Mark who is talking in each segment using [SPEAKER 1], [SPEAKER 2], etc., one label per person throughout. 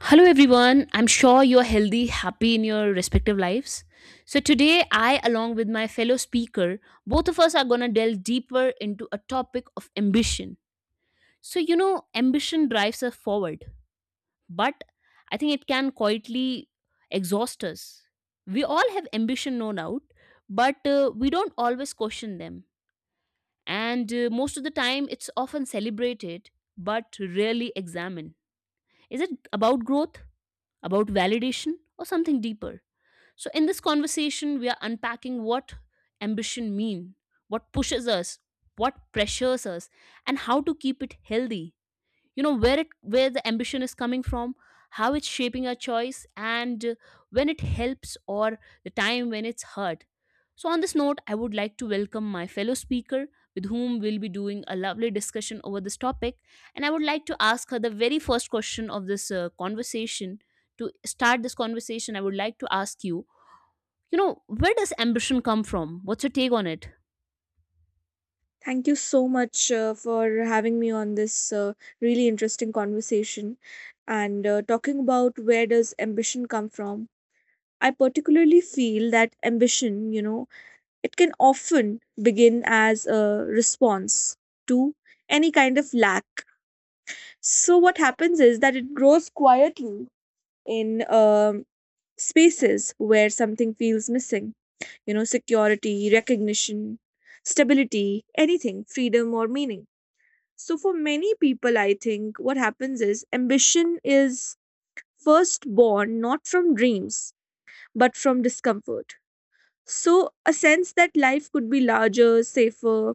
[SPEAKER 1] Hello, everyone. I'm sure you're healthy, happy in your respective lives. So, today, I, along with my fellow speaker, both of us are going to delve deeper into a topic of ambition. So, you know, ambition drives us forward, but I think it can quietly exhaust us. We all have ambition, no doubt, but we don't always question them. And Most of the time, it's often celebrated, but rarely examined. Is it about growth? About validation, or something deeper? So, in this conversation, we are unpacking what ambition mean, what pushes us, what pressures us, and how to keep it healthy. You know, where it, where the ambition is coming from, how it's shaping our choice, and when it helps or the time when it's hurt. So on this note, I would like to welcome my fellow speaker, with whom we'll be doing a lovely discussion over this topic. And I would like to ask her the very first question of this conversation. To start this conversation, I would like to ask you, you know, where does ambition come from? What's your take on it?
[SPEAKER 2] Thank you so much for having me on this really interesting conversation and talking about where does ambition come from. I particularly feel that ambition, you know, it can often begin as a response to any kind of lack. So what happens is that it grows quietly in spaces where something feels missing, you know, security, recognition, stability, anything, freedom or meaning, so for many people, I think what happens is ambition is first born not from dreams, but from discomfort. So, a sense that life could be larger, safer,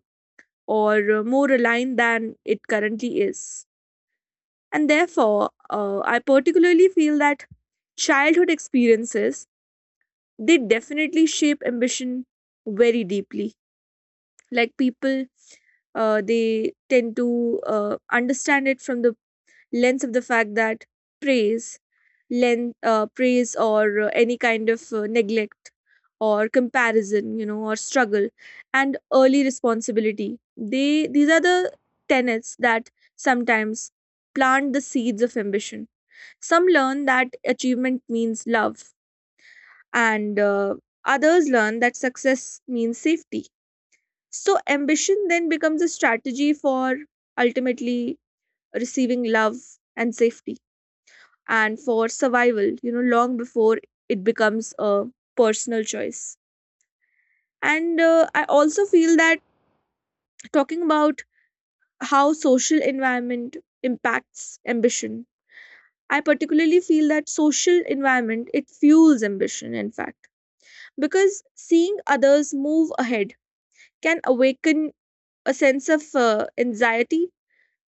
[SPEAKER 2] or more aligned than it currently is. And therefore, I particularly feel that childhood experiences, they definitely shape ambition very deeply. Like people, they tend to understand it from the lens of the fact that praise, praise or any kind of neglect or comparison, you know, or struggle and early responsibility. They these are the tenets that sometimes plant the seeds of ambition. Some learn that achievement means love, and others learn that success means safety. So ambition then becomes a strategy for ultimately receiving love and safety and for survival, you know, long before it becomes a personal choice. And I also feel that talking about how social environment impacts ambition, I particularly feel that social environment it fuels ambition, in fact, because seeing others move ahead can awaken a sense of anxiety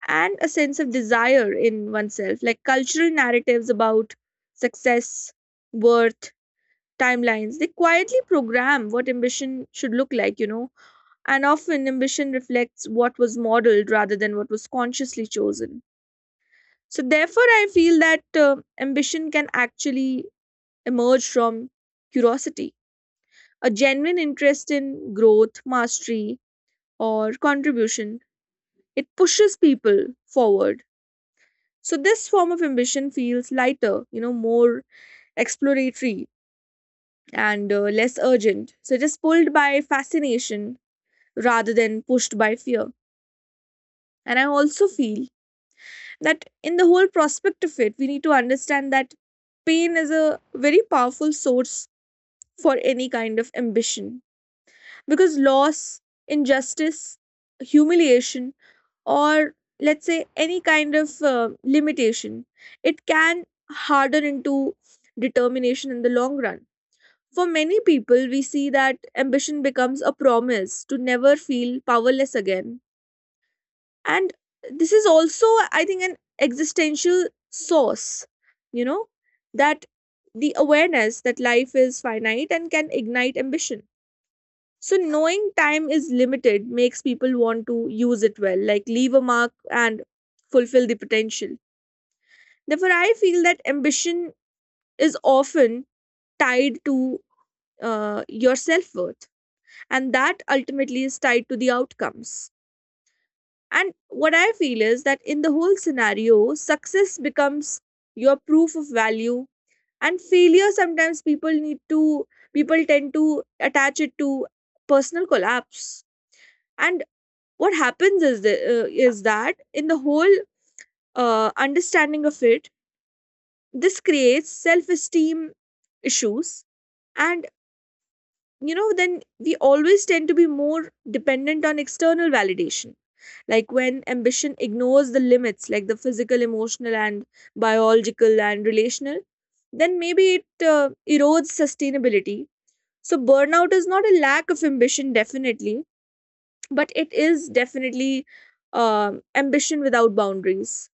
[SPEAKER 2] and a sense of desire in oneself, like cultural narratives about success, worth, timelines. They quietly program what ambition should look like, you know, and often ambition reflects what was modeled rather than what was consciously chosen. So, therefore, I feel that ambition can actually emerge from curiosity, a genuine interest in growth, mastery, or contribution. It pushes people forward. So, this form of ambition feels lighter, you know, more exploratory and less urgent. So, it is pulled by fascination rather than pushed by fear. And I also feel that in the whole prospect of it, we need to understand that pain is a very powerful source for any kind of ambition because loss, injustice, humiliation, or let's say any kind of limitation, it can harden into determination in the long run. For many people, we see that ambition becomes a promise to never feel powerless again, and this is also, I think, an existential source, you know, that the awareness that life is finite and can ignite ambition. So knowing time is limited makes people want to use it well, like leave a mark and fulfill the potential. Therefore, I feel that ambition is often tied to your self-worth, and that ultimately is tied to the outcomes. And what I feel is that in the whole scenario, success becomes your proof of value, and failure sometimes people tend to attach it to personal collapse. And what happens is, is that in the whole understanding of it, this creates self esteem issues. And, you know, then we always tend to be more dependent on external validation, like when ambition ignores the limits, like the physical, emotional and biological and relational, then maybe it erodes sustainability. So burnout is not a lack of ambition, definitely, but it is definitely ambition without boundaries.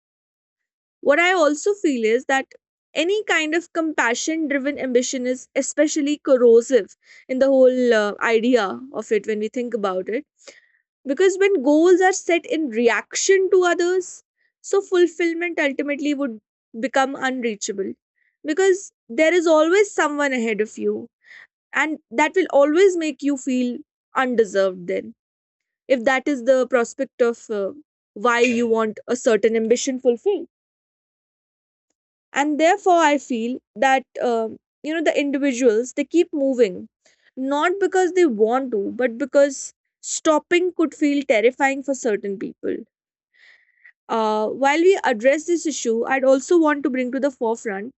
[SPEAKER 2] What I also feel is that any kind of compassion driven ambition is especially corrosive in the whole idea of it when we think about it, because when goals are set in reaction to others, so fulfillment ultimately would become unreachable. Because there is always someone ahead of you, and that will always make you feel undeserved then, if that is the prospect of why you want a certain ambition fulfilled. And therefore, I feel that, you know, the individuals, they keep moving, not because they want to, but because stopping could feel terrifying for certain people. While we address this issue, I'd also want to bring to the forefront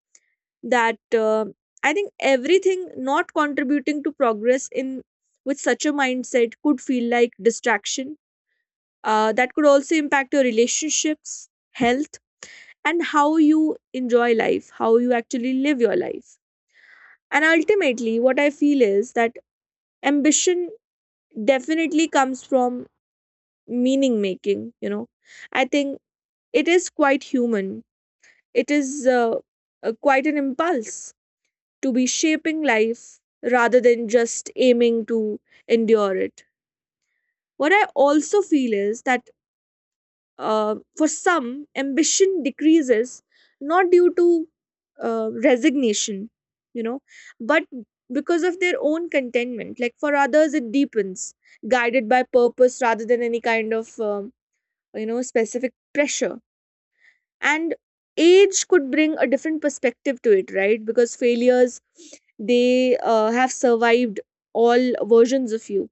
[SPEAKER 2] that I think everything not contributing to progress in with such a mindset could feel like distraction. That could also impact your relationships, health, and how you enjoy life, how you actually live your life. And ultimately, what I feel is that ambition definitely comes from meaning making. You know, I think it is quite human. It is quite an impulse to be shaping life rather than just aiming to endure it. What I also feel is that for some, ambition decreases not due to resignation, you know, but because of their own contentment. Like for others, it deepens, guided by purpose rather than any kind of, you know, specific pressure, and age could bring a different perspective to it, right? Because failures, they have survived all versions of you.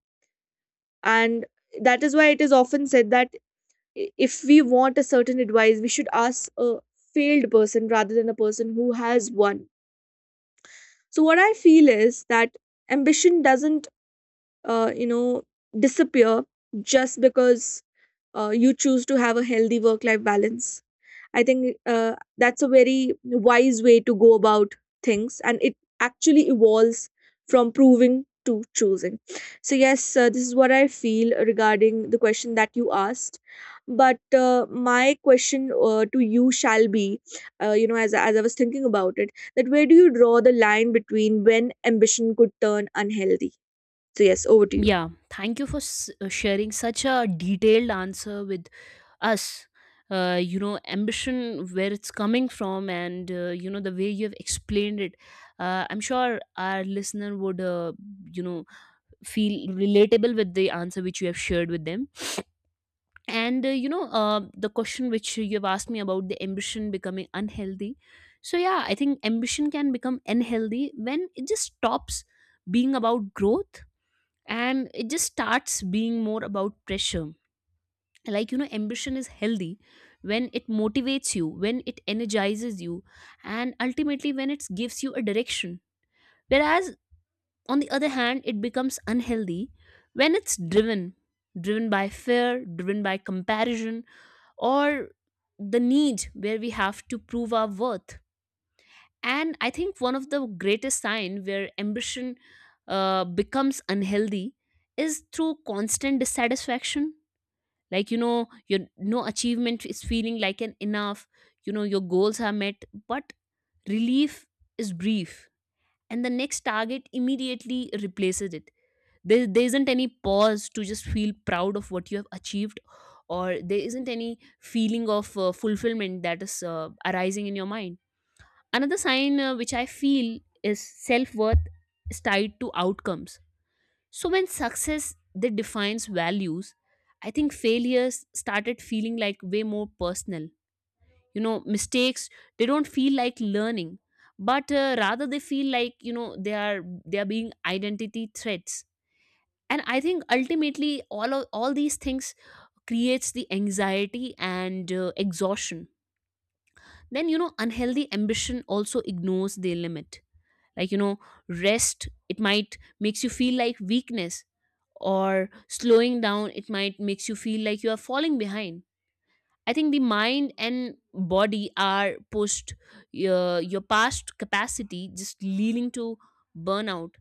[SPEAKER 2] And that is why it is often said that if we want a certain advice, we should ask a failed person rather than a person who has won. So what I feel is that ambition doesn't you know, disappear just because you choose to have a healthy work life balance. I think that's a very wise way to go about things, and it actually evolves from proving to choosing. So, yes, this is what I feel regarding the question that you asked. But my question to you shall be, you know, as I was thinking about it, that where do you draw the line between when ambition could turn unhealthy? So, yes, over to you.
[SPEAKER 1] Yeah, thank you for sharing such a detailed answer with us. You know, ambition, where it's coming from, and you know, the way you have explained it. I'm sure our listener would, you know, feel relatable with the answer which you have shared with them. And the question which you have asked me about the ambition becoming unhealthy. So yeah, I think ambition can become unhealthy when it just stops being about growth, and it just starts being more about pressure. Like, you know, ambition is healthy when it motivates you, when it energizes you, and ultimately when it gives you a direction. Whereas on the other hand, it becomes unhealthy when it's driven by fear, driven by comparison, or the need where we have to prove our worth. And I think one of the greatest sign where ambition becomes unhealthy is through constant dissatisfaction. Like, you know, your no achievement is feeling like an enough. You know, your goals are met, but relief is brief, and the next target immediately replaces it. There isn't any pause to just feel proud of what you have achieved, or there isn't any feeling of fulfillment that is arising in your mind. Another sign, which I feel, is self-worth is tied to outcomes. So when success that defines values, I think failures started feeling like way more personal. You know, mistakes, they don't feel like learning, but rather they feel like, you know, they are being identity threats. And I think ultimately all these things creates the anxiety and exhaustion. Then, you know, unhealthy ambition also ignores their limit. Like, you know, rest, it might makes you feel like weakness, or slowing down, it might makes you feel like you are falling behind. I think the mind and body are pushed your past capacity, just leading to burnout.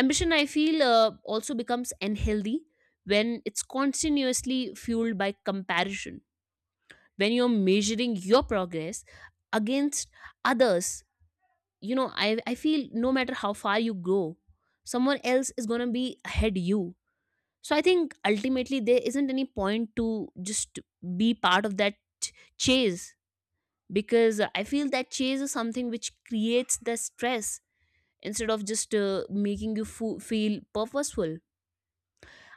[SPEAKER 1] Ambition, I feel, also becomes unhealthy when it's continuously fueled by comparison. When you're measuring your progress against others, you know, I feel no matter how far you go, someone else is going to be ahead you. So I think ultimately there isn't any point to just be part of that ch- chase, because I feel that chase is something which creates the stress instead of just making you feel purposeful.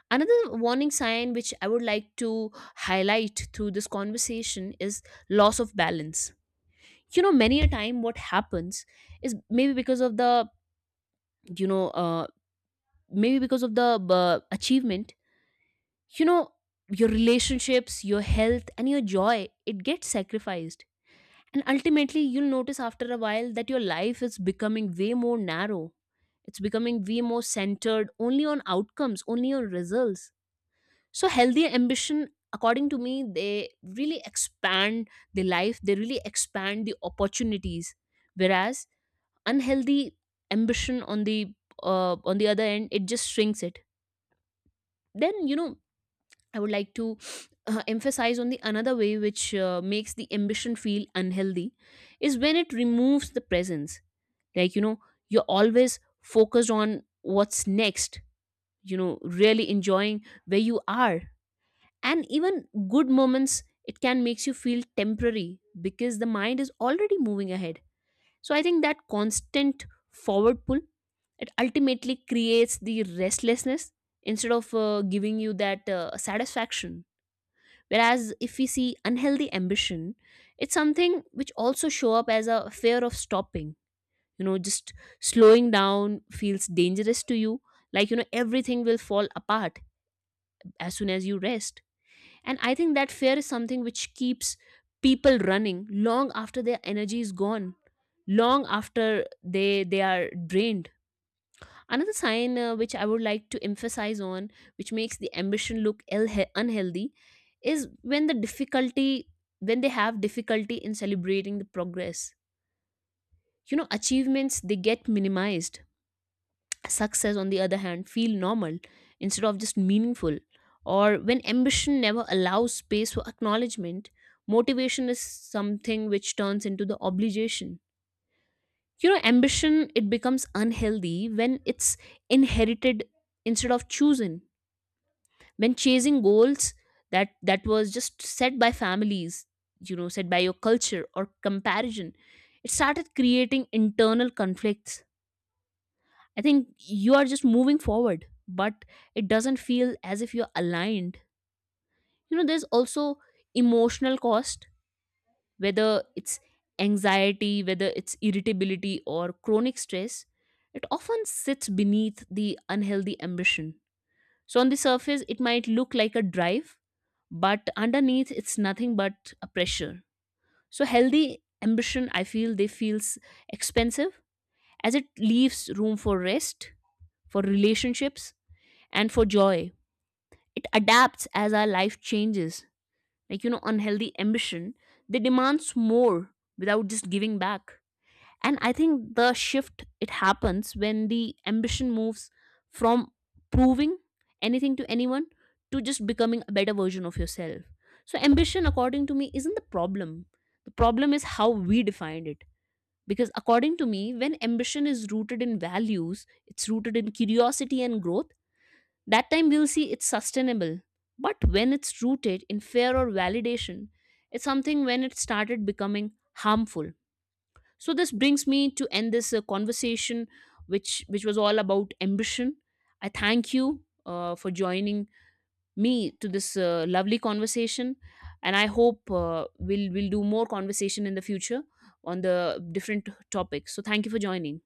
[SPEAKER 1] Another warning sign which I would like to highlight through this conversation is loss of balance. You know, many a time what happens is maybe because of the, you know, maybe because of the achievement, you know, your relationships, your health, and your joy, it gets sacrificed. And ultimately, you'll notice after a while that your life is becoming way more narrow. It's becoming way more centered only on outcomes, only on results. So healthy ambition, according to me, they really expand the life, they really expand the opportunities. Whereas unhealthy ambition, on the other end, it just shrinks it. Then, you know, I would like to emphasize on the another way which makes the ambition feel unhealthy is when it removes the presence. Like, you know, you're always focused on what's next, you know, really enjoying where you are, and even good moments, it can makes you feel temporary because the mind is already moving ahead. So I think that constant forward pull, it ultimately creates the restlessness instead of giving you that satisfaction. Whereas if we see unhealthy ambition, it's something which also show up as a fear of stopping. You know, just slowing down feels dangerous to you, like, you know, everything will fall apart as soon as you rest. And I think that fear is something which keeps people running long after their energy is gone, long after they are drained. Another sign, which I would like to emphasize on, which makes the ambition look unhealthy, is when the difficulty, when they have difficulty in celebrating the progress. You know, achievements, they get minimized. Success, on the other hand, feel normal instead of just meaningful. Or when ambition never allows space for acknowledgement, motivation is something which turns into the obligation. You know, ambition, it becomes unhealthy when it's inherited instead of chosen. When chasing goals that was just set by families, you know, set by your culture or comparison, it started creating internal conflicts. I think you are just moving forward, but it doesn't feel as if you're aligned. You know, there's also emotional cost, whether it's anxiety, whether it's irritability or chronic stress, it often sits beneath the unhealthy ambition. So, on the surface, it might look like a drive, but underneath, it's nothing but a pressure. So, healthy ambition, I feel, they feels expensive as it leaves room for rest, for relationships, and for joy. It adapts as our life changes. Like, you know, unhealthy ambition, they demands more without just giving back. And I think the shift, it happens when the ambition moves from proving anything to anyone to just becoming a better version of yourself. So ambition, according to me, isn't the problem. The problem is how we defined it. Because according to me, when ambition is rooted in values, it's rooted in curiosity and growth, that time we'll see it's sustainable. But when it's rooted in fear or validation, it's something when it started becoming harmful. So this brings me to end this conversation, which was all about ambition. I thank you for joining me to this lovely conversation, and I hope we'll do more conversation in the future on the different topics. So thank you for joining.